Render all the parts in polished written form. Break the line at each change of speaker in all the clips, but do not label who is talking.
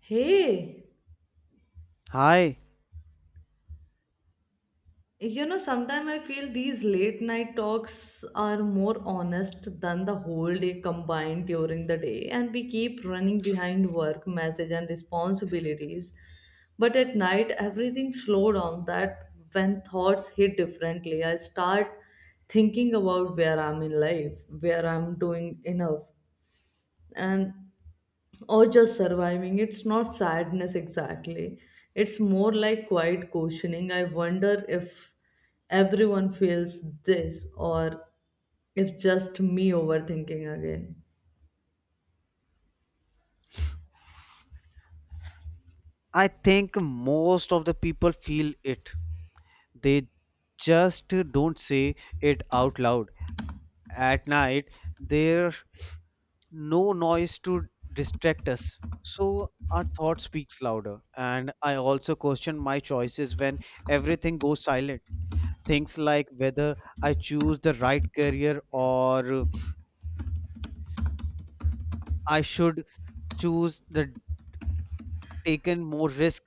Hey,
Hi,
sometimes I feel these late night talks are more honest than the whole day combined during the day, and we keep running behind work, message, and responsibilities. But at night, everything slow down. That when thoughts hit differently, I start thinking about where I'm in life, where I'm doing enough, and or just surviving. It's not sadness exactly. It's more like quiet questioning. I wonder if everyone feels this or if just me overthinking again.
I think most of the people feel it. They just don't say it out loud. At night, there's no noise to distract us. So our thought speaks louder. And I also question my choices when everything goes silent. Things like whether I choose the right career or I should choose the taken more risk.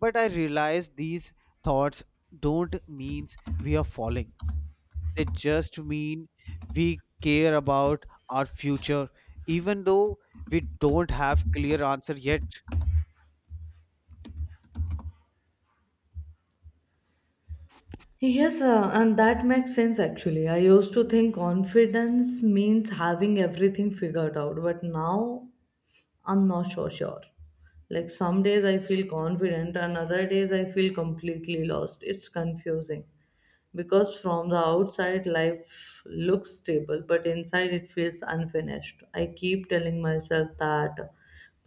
But I realize these thoughts don't mean we are falling. They just mean we care about our future, even though we don't have clear answer yet.
Yes, and that makes sense actually. I used to think confidence means having everything figured out, but now I'm not so sure. Like some days I feel confident, and other days I feel completely lost. It's confusing. Because from the outside life looks stable, but inside it feels unfinished. I keep telling myself that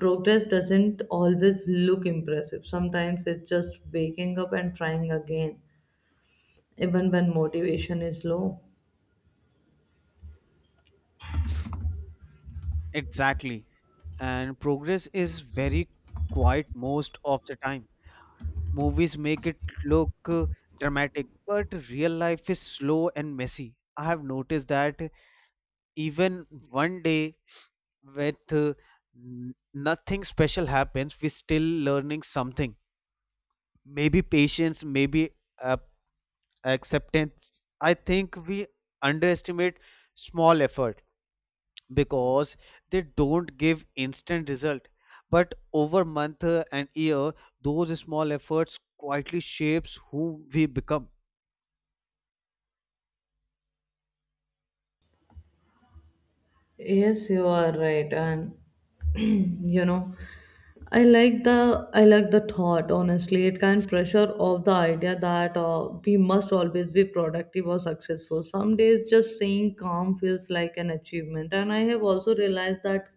progress doesn't always look impressive. Sometimes it's just waking up and trying again, even when motivation is low.
Exactly. And progress is very quiet most of the time. Movies make it look dramatic, but real life is slow and messy. I have noticed that even one day with nothing special happens, we still learning something. Maybe patience, maybe uh, acceptance. I think we underestimate small effort because they don't give instant result, but over month and year, those small efforts quietly shapes who we become.
Yes, you are right, and you know, I like the thought. Honestly, it can pressure off the idea that we must always be productive or successful. Some days, just saying calm feels like an achievement, and I have also realized that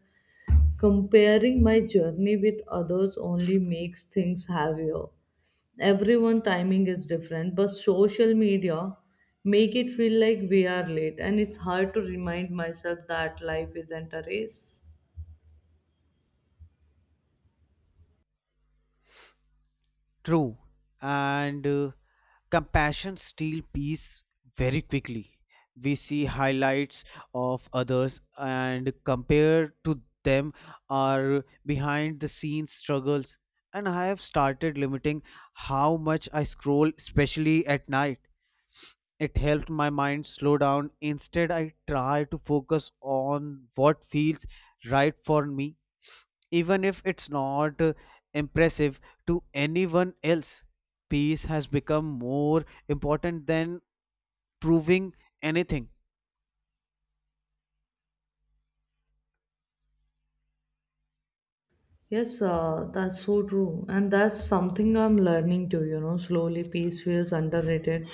comparing my journey with others only makes things heavier. Everyone timing is different, but social media make it feel like we are late, and it's hard to remind myself that life isn't a race.
True. And Compassion steals peace very quickly. We see highlights of others and compare to them our behind the scenes struggles. And I have started limiting how much I scroll, especially at night. It helped my mind slow down. Instead, I try to focus on what feels right for me, even if it's not impressive to anyone else. Peace has become more important than proving anything.
Yes, that's so true. And that's something I'm learning to, slowly peace feels underrated.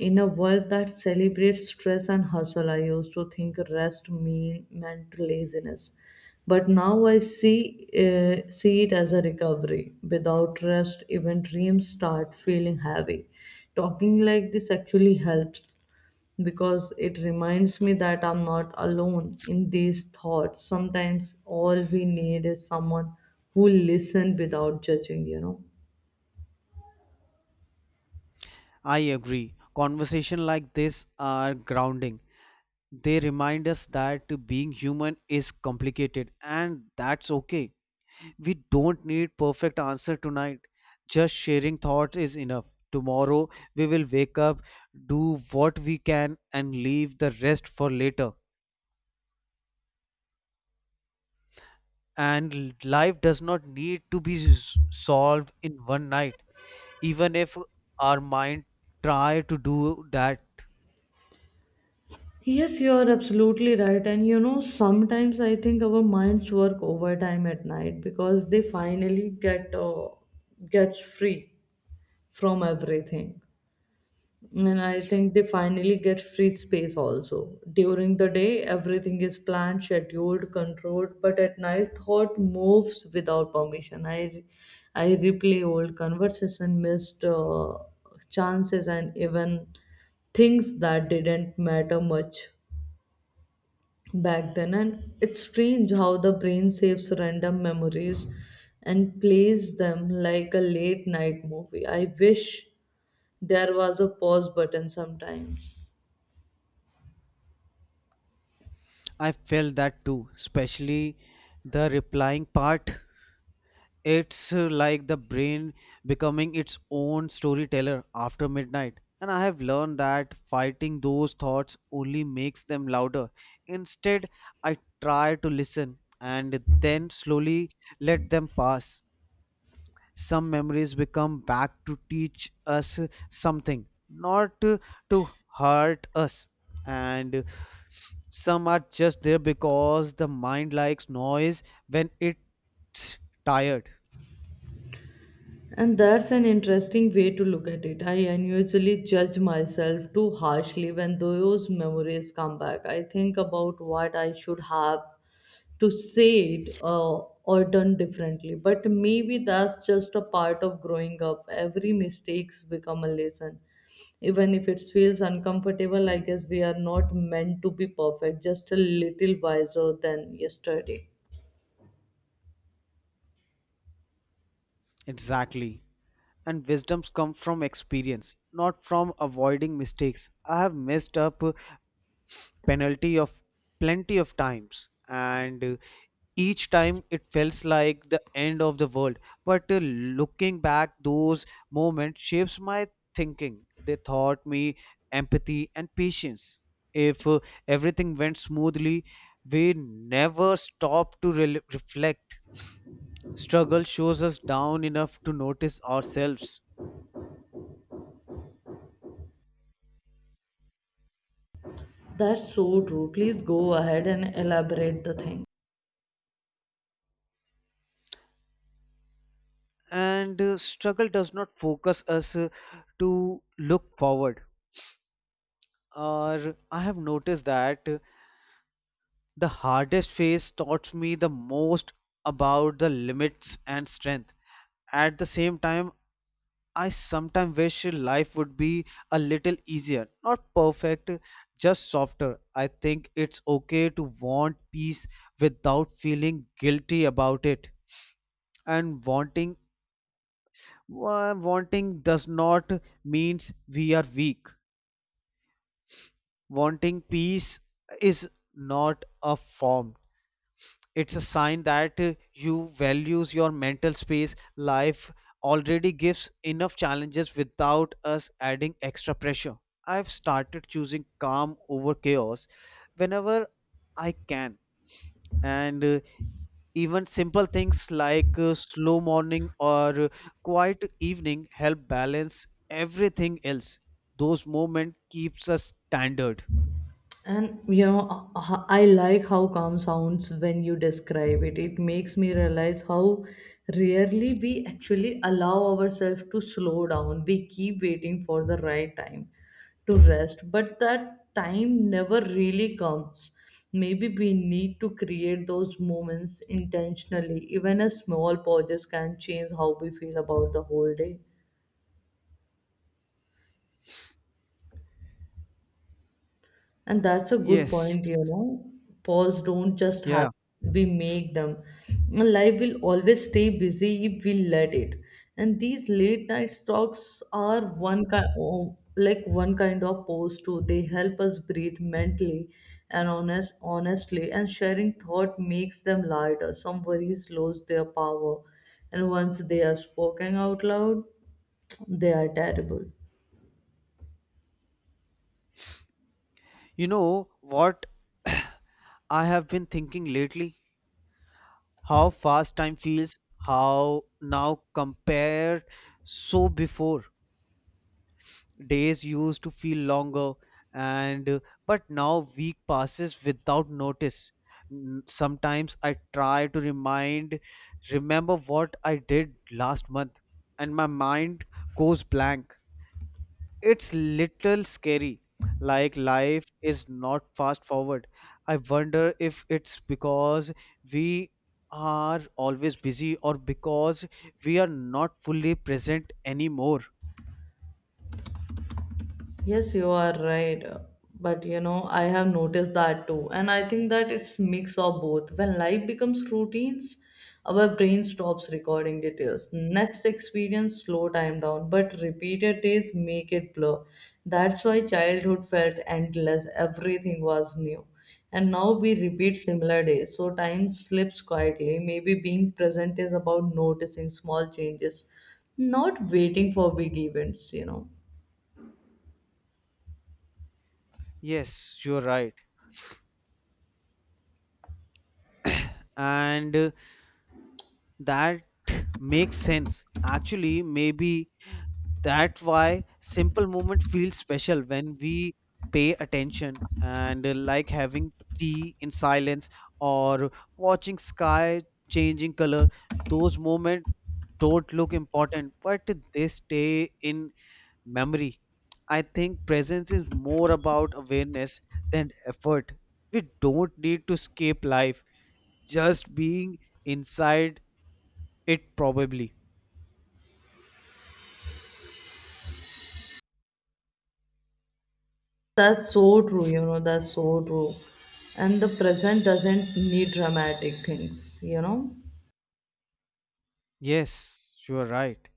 In a world that celebrates stress and hustle, I used to think rest meant laziness. But now I see it as a recovery. Without rest, even dreams start feeling heavy. Talking like this actually helps because it reminds me that I'm not alone in these thoughts. Sometimes all we need is someone who listen without judging.
I agree. Conversation like this are grounding. They remind us that being human is complicated, and that's okay. We don't need perfect answer tonight. Just sharing thoughts is enough. Tomorrow we will wake up, do what we can, and leave the rest for later. And life does not need to be solved in one night, even if our mind try to do that.
Yes, you are absolutely right. And sometimes I think our minds work overtime at night because they finally gets free from everything. And I think they finally get free space also. During the day, everything is planned, scheduled, controlled, but at night, thought moves without permission. I replay old conversation, missed chances, and even things that didn't matter much back then. And it's strange how the brain saves random memories and plays them like a late night movie. I wish there was a pause button sometimes.
I felt that too, especially the replying part. It's like the brain becoming its own storyteller after midnight. And I have learned that fighting those thoughts only makes them louder. Instead, I try to listen and then slowly let them pass. Some memories become back to teach us something, not to hurt us. And some are just there because the mind likes noise when it's tired.
And that's an interesting way to look at it. I unusually judge myself too harshly when those memories come back. I think about what I should have to say it or done differently. But maybe that's just a part of growing up. Every mistakes become a lesson. Even if it feels uncomfortable, I guess we are not meant to be perfect, just a little wiser than yesterday.
Exactly. And wisdoms come from experience, not from avoiding mistakes. I have messed up penalty of plenty of times, and each time it feels like the end of the world, but looking back, those moments shapes my thinking. They taught me empathy and patience. If everything went smoothly, we never stop to rel reflect. Struggle shows us down enough to notice ourselves.
That's so true. Please go ahead and elaborate the thing.
And Struggle does not focus us to look forward. Or I have noticed that the hardest phase taught me the most about the limits and strength. At the same time, I sometimes wish life would be a little easier, not perfect, just softer. I think it's okay to want peace without feeling guilty about it. And wanting does not means we are weak. Wanting peace is not a form. It's a sign that you values your mental space. Life already gives enough challenges without us adding extra pressure. I've started choosing calm over chaos whenever I can. And Even simple things like slow morning or quiet evening help balance everything else. Those moments keeps us standard.
And I like how calm sounds when you describe it. It makes me realize how rarely we actually allow ourselves to slow down. We keep waiting for the right time to rest, but that time never really comes. Maybe we need to create those moments intentionally. Even a small pauses can change how we feel about the whole day. And that's a good
Yes.
point. Pause don't just
Yeah,
happen, we make them. And life will always stay busy if we let it. And these late night talks are one kind of pause too. They help us breathe mentally and honestly, and sharing thought makes them lighter. Some worries lose their power and once they are spoken out loud, they are terrible.
you know what, I have been thinking lately how fast time feels, how now compared so before, days used to feel longer. And But now week passes without notice. Sometimes I try to remind remember what I did last month, and my mind goes blank. It's little scary. Like life is not fast forward. I wonder if it's because we are always busy or because we are not fully present anymore.
Yes, you are right. But I have noticed that too. And I think that it's mix of both. When life becomes routines, our brain stops recording details. Next experience slow time down, but repeated days make it blur. That's why childhood felt endless. Everything was new. And now we repeat similar days. So time slips quietly. Maybe being present is about noticing small changes, not waiting for big events.
Yes, you're right. And That makes sense. Actually, maybe that's why simple moment feels special when we pay attention. And Like having tea in silence or watching sky changing color. Those moments don't look important, but they stay in memory. I think presence is more about awareness than effort. We don't need to escape life, just being inside it, probably.
That's so true, that's so true. And the present doesn't need dramatic things.
Yes, you are right.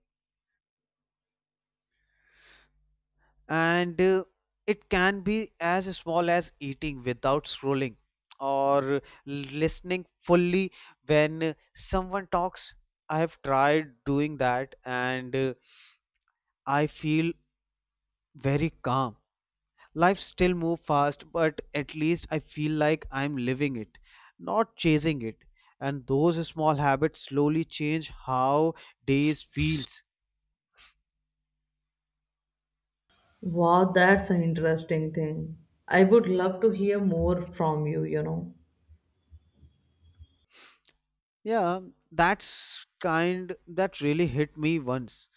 and It can be as small as eating without scrolling or listening fully when someone talks. I have tried doing that, and I feel very calm. Life still moves fast, but at least I feel like I'm living it, not chasing it. And those small habits slowly change how days feels.
Wow, that's an interesting thing. I would love to hear more from you, you know.
Yeah, that's kind that really hit me once.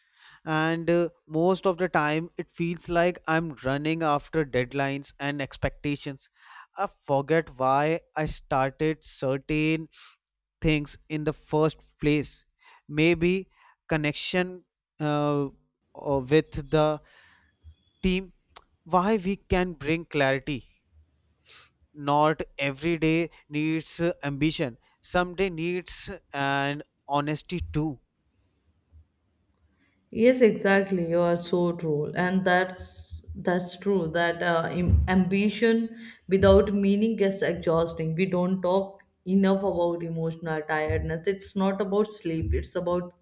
And Most of the time it feels like I'm running after deadlines and expectations. I forget why I started certain things in the first place. Maybe connection uh, or with the team why we can bring clarity. Not every day needs ambition. Some day needs an honesty too.
Yes, exactly. You are so true, and that's true. That ambition without meaning gets exhausting. We don't talk enough about emotional tiredness. It's not about sleep. It's about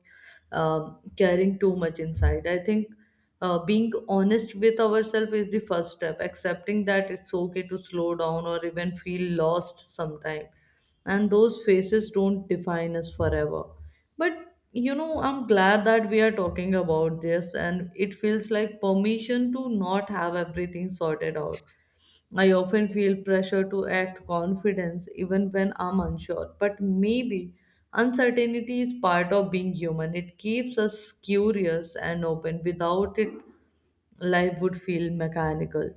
carrying too much inside. I think being honest with ourselves is the first step. Accepting that it's okay to slow down or even feel lost sometime, and those faces don't define us forever. But I'm glad that we are talking about this, and it feels like permission to not have everything sorted out. I often feel pressure to act confidence even when I'm unsure. But maybe uncertainty is part of being human. It keeps us curious and open. Without it, life would feel mechanical.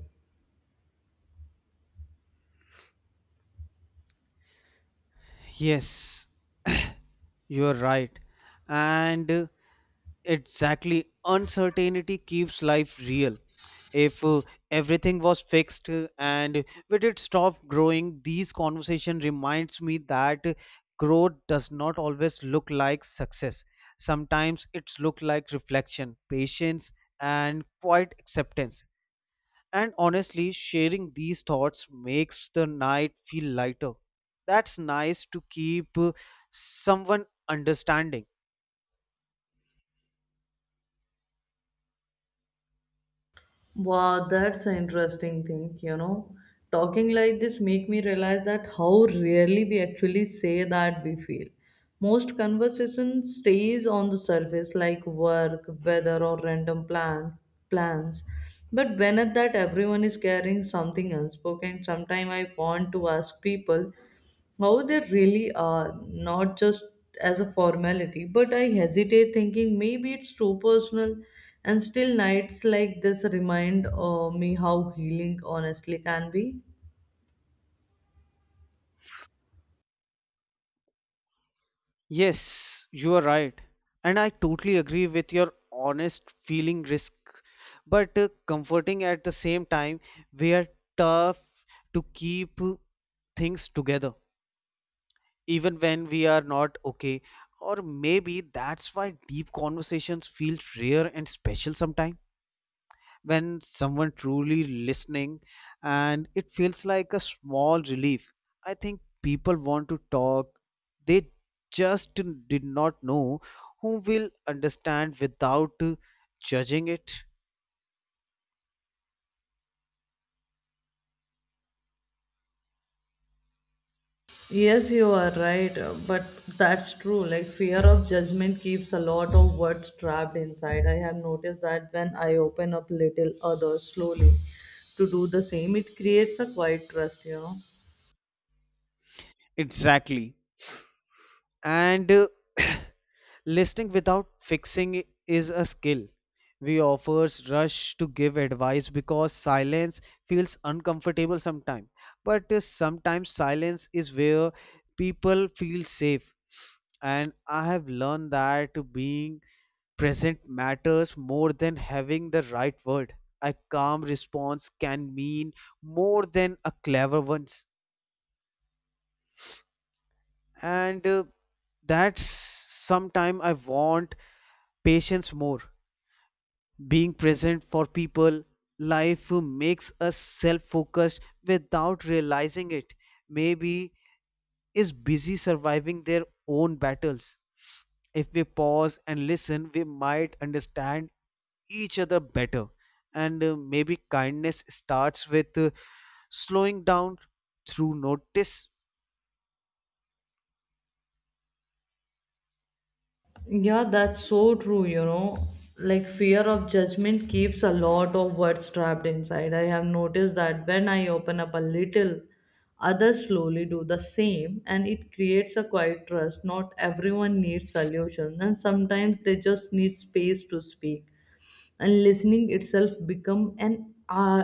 Yes. You're right. and Exactly. Uncertainty keeps life real. If everything was fixed and we did stop growing, these conversation reminds me that growth does not always look like success. Sometimes it's look like reflection, patience, and quiet acceptance. And honestly, sharing these thoughts makes the night feel lighter. That's nice to keep someone understanding.
Wow, that's an interesting thing. Talking like this make me realize that how rarely we actually say that we feel. Most conversation stays on the surface like work, weather or random plans. But when at that everyone is carrying something unspoken, sometimes I want to ask people how they really are, not just as a formality, but I hesitate thinking maybe it's too personal. And still, nights like this remind me how healing honestly can be.
Yes, you are right. And I totally agree with your honest feeling risk, but comforting at the same time, we are tough to keep things together, even when we are not okay. Or maybe that's why deep conversations feel rare and special. Sometimes when someone truly listening, and it feels like a small relief. I think people want to talk, they just did not know who will understand without judging it.
Yes, you are right, but that's true. Like, fear of judgment keeps a lot of words trapped inside. I have noticed that when I open up little others slowly to do the same, it creates a quiet trust.
Exactly. and Listening without fixing is a skill. We offers rush to give advice because silence feels uncomfortable sometimes. But sometimes silence is where people feel safe. And I have learned that being present matters more than having the right word. A calm response can mean more than a clever one's. And That's sometime I want patience more, being present for people. Life makes us self-focused without realizing it. Maybe is busy surviving their own battles. If we pause and listen, we might understand each other better. And Maybe kindness starts with slowing down through notice.
Yeah, that's so true. Like fear of judgment keeps a lot of words trapped inside. I have noticed that when I open up a little, others slowly do the same, and it creates a quiet trust. Not everyone needs solutions, and sometimes they just need space to speak, and listening itself become uh,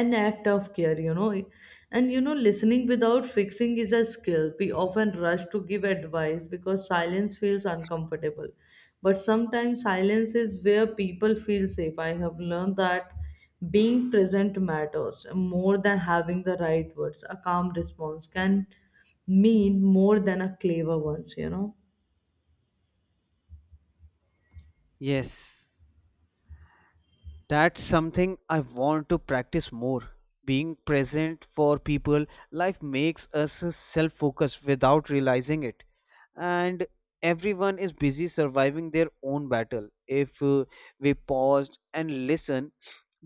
an act of care. And listening without fixing is a skill. We often rush to give advice because silence feels uncomfortable, but sometimes silence is where people feel safe. I have learned that being present matters more than having the right words. A calm response can mean more than a clever ones.
Yes, that's something I want to practice more. Being present for people, life makes us self focused without realizing it. And everyone is busy surviving their own battle. If we paused and listen,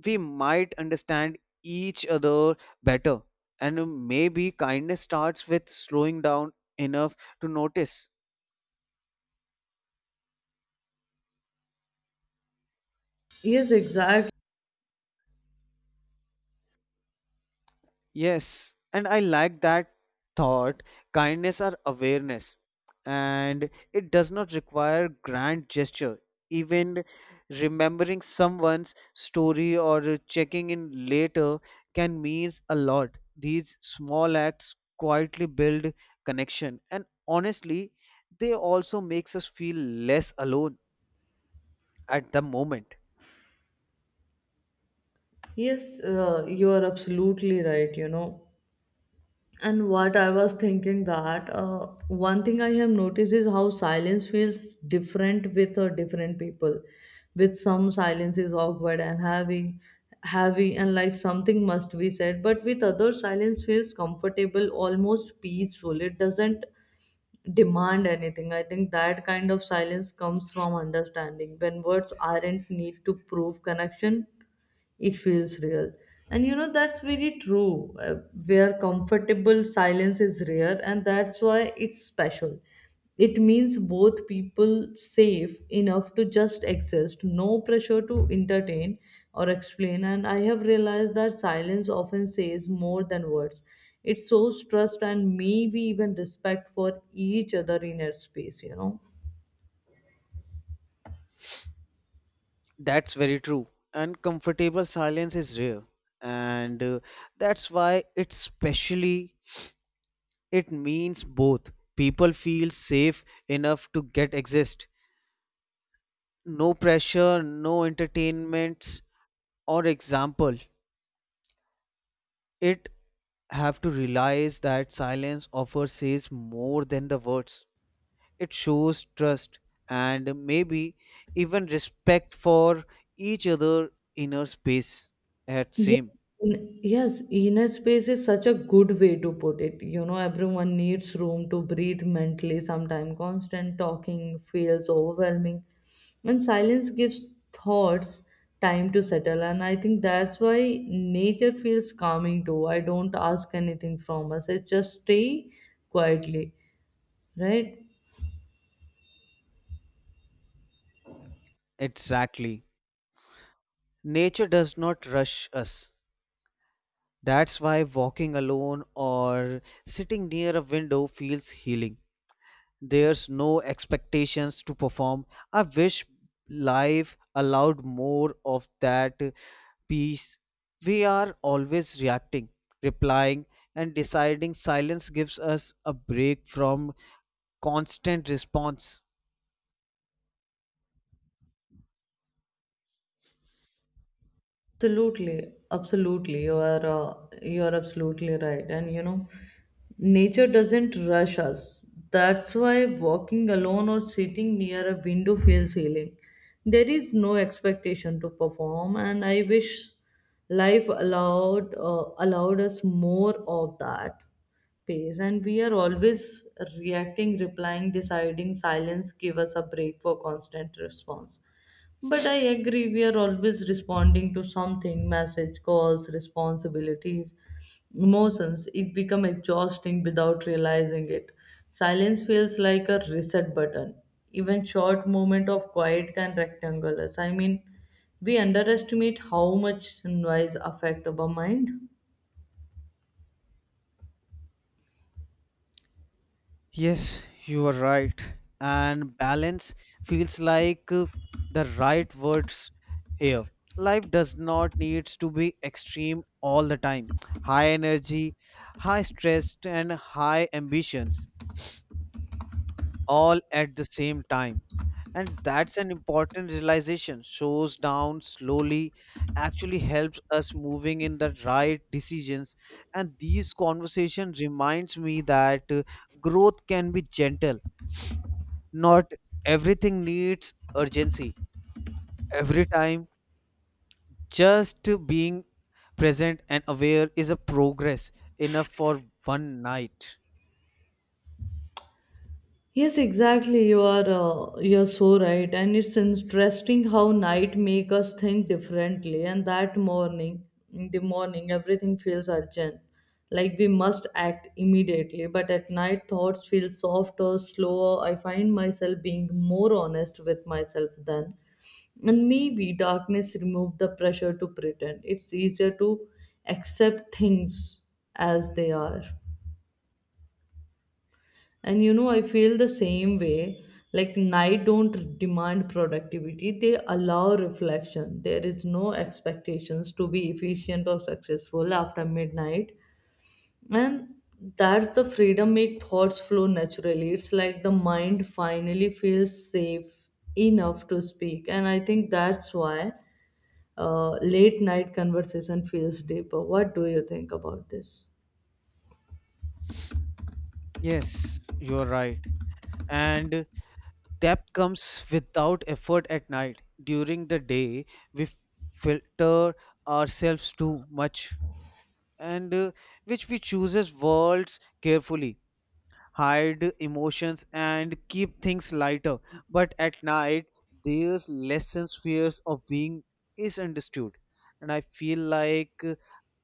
we might understand each other better. And maybe kindness starts with slowing down enough to notice.
Yes, exactly.
Yes, and I like that thought. Kindness or awareness, and it does not require grand gesture. Even remembering someone's story or checking in later can means a lot. These small acts quietly build connection, and honestly, they also makes us feel less alone at the moment.
Yes, you are absolutely right. And what I was thinking that one thing I have noticed is how silence feels different with different people. With some silence is awkward and heavy and like something must be said. But with other silence feels comfortable, almost peaceful. It doesn't demand anything. I think that kind of silence comes from understanding when words aren't need to prove connection. It feels real. And that's very true. Where comfortable silence is rare, and that's why it's special. It means both people safe enough to just exist, no pressure to entertain or explain. And I have realized that silence often says more than words. It shows trust and maybe even respect for each other in inner space.
That's very true. And comfortable silence is rare. And That's why it's specially. It means both. People feel safe enough to get exist. No pressure, no entertainments or example. It have to realize that silence offers says more than the words. It shows trust and maybe even respect for each other inner space at
Yes,
same.
inner space is such a good way to put it. Everyone needs room to breathe mentally. Sometimes constant talking feels overwhelming, and silence gives thoughts time to settle. And I think that's why nature feels calming too. I don't ask anything from us, it just stay quietly, right?
Exactly. Nature does not rush us. That's why walking alone or sitting near a window feels healing. There's no expectations to perform. I wish life allowed more of that peace. We are always reacting, replying, and deciding. Silence gives us a break from constant response.
Absolutely, absolutely. You are absolutely right. And nature doesn't rush us. That's why walking alone or sitting near a window feels healing. There is no expectation to perform, and I wish life allowed us more of that pace. And we are always reacting, replying, deciding. Silence give us a break for constant response, but I agree, we are always responding to something message, calls, responsibilities, emotions. It become exhausting without realizing it. Silence feels like a reset button. Even short moment of quiet can rectangle us. I mean, we underestimate how much noise affect our mind.
Yes, you are right. And balance feels like the right words here. Life does not need to be extreme all the time. High energy, high stress, and high ambitions all at the same time. And that's an important realization. Shows down slowly actually helps us moving in the right decisions. And these conversation reminds me that growth can be gentle, not everything needs urgency. Every time, just being present and aware is a progress enough for one night.
Yes, exactly. You're so right, and it's interesting how night make us think differently. And in the morning, everything feels urgent, like we must act immediately. But at night, thoughts feel softer, slower. I find myself being more honest with myself then, and maybe darkness remove the pressure to pretend. It's easier to accept things as they are. And I feel the same way. Like night don't demand productivity, they allow reflection. There is no expectations to be efficient or successful after midnight, and that's the freedom make thoughts flow naturally. It's like the mind finally feels safe enough to speak. And I think that's why late night conversation feels deeper. What do you think about this?
Yes, you're right. And depth comes without effort at night. During the day, we filter ourselves too much, and which we chooses words carefully, hide emotions and keep things lighter. But at night, there's lessons fears of being misunderstood. And I feel like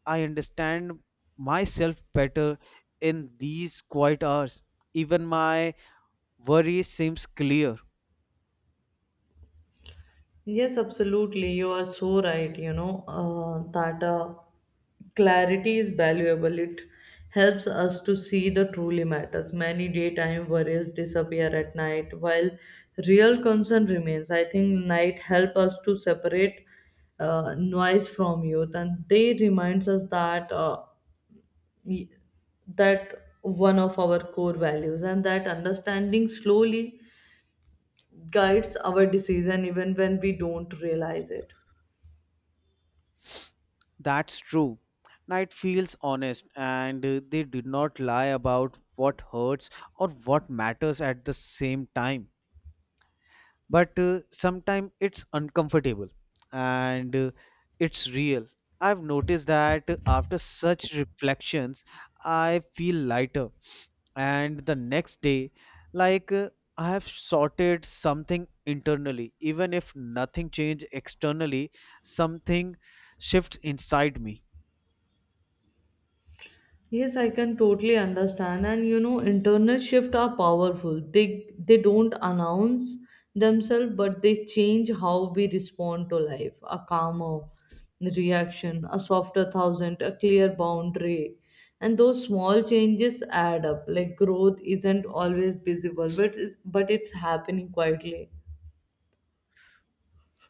I understand myself better in these quiet hours. Even my worry seems clear.
Yes, absolutely. You are so right. You know, that Clarity is valuable. It helps us to see the truly matters. Many daytime worries disappear at night, while real concern remains. I think night help us to separate noise from youth, and they reminds us that y- that one of our core values, and that understanding slowly guides our decision even when we don't realize it.
That's true. Night feels honest, and they do not lie about what hurts or what matters at the same time. But sometimes it's uncomfortable, and it's real. I've noticed that after such reflections, I feel lighter, and the next day, like I have sorted something internally. Even if nothing changed externally, something shifts inside me.
Yes, I can totally understand. And internal shift are powerful. They don't announce themselves, but they change how we respond to life. A calmer reaction, a softer thousand, a clear boundary. And those small changes add up. Like growth isn't always visible, but it's happening quietly.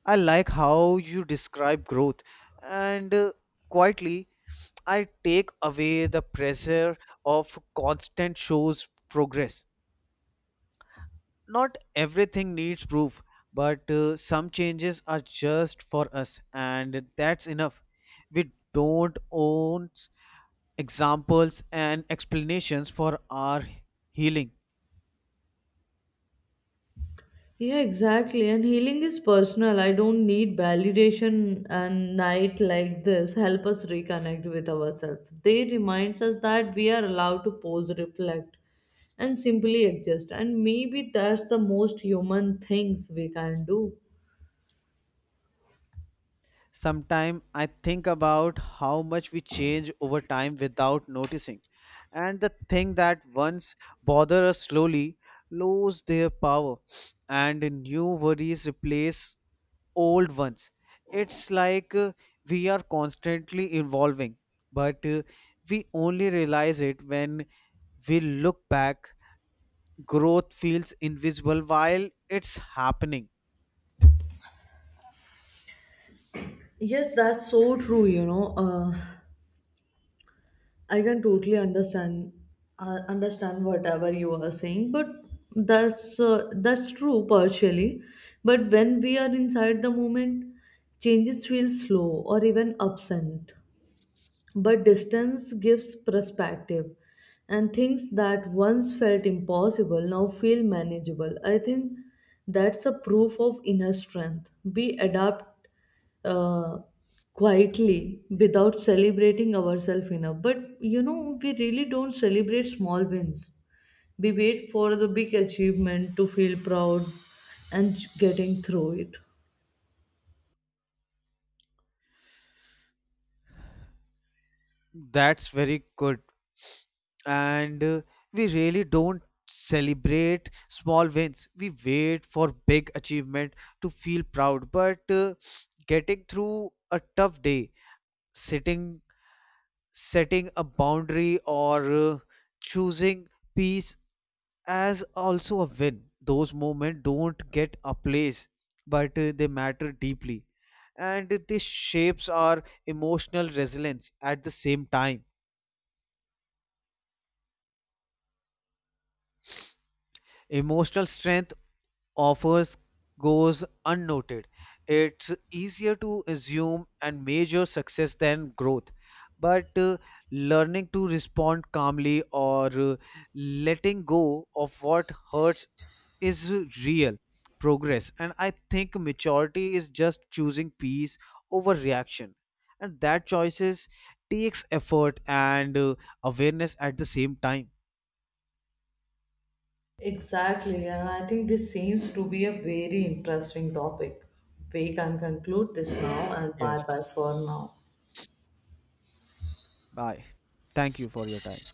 I like how you describe growth and quietly. I take away the pressure of constant shows progress. Not everything needs proof, but some changes are just for us, and that's enough. We don't own examples and explanations for our healing.
Yeah, exactly. And healing is personal. I don't need validation, and night like this help us reconnect with ourselves. They reminds us that we are allowed to pause, reflect, and simply exist. And maybe that's the most human things we can do.
Sometimes I think about how much we change over time without noticing, and the thing that once bother us slowly lose their power, and new worries replace old ones. It's like we are constantly evolving, but we only realize it when we look back. Growth feels invisible while it's happening.
Yes, that's so true. I can totally understand whatever you are saying, but that's true partially. But when we are inside the moment, changes feel slow or even absent. But distance gives perspective, and things that once felt impossible now feel manageable. I think that's a proof of inner strength. We adapt uh, quietly without celebrating ourselves enough. But we really don't celebrate small wins. We wait for the big achievement to feel proud and getting through it.
That's very good. And We really don't celebrate small wins. We wait for big achievement to feel proud, but getting through a tough day, sitting setting a boundary, or choosing peace as also a win. Those moments don't get a place, but they matter deeply, and this shapes our emotional resilience at the same time. Emotional strength offers goes unnoted. It's easier to assume and measure success than growth. But learning to respond calmly or letting go of what hurts is real progress. And I think maturity is just choosing peace over reaction. And that choices takes effort and awareness at the same time.
Exactly, and I think this seems to be a very interesting topic. We can conclude this now and bye
Yes.
bye for now.
Bye. Thank you for your time.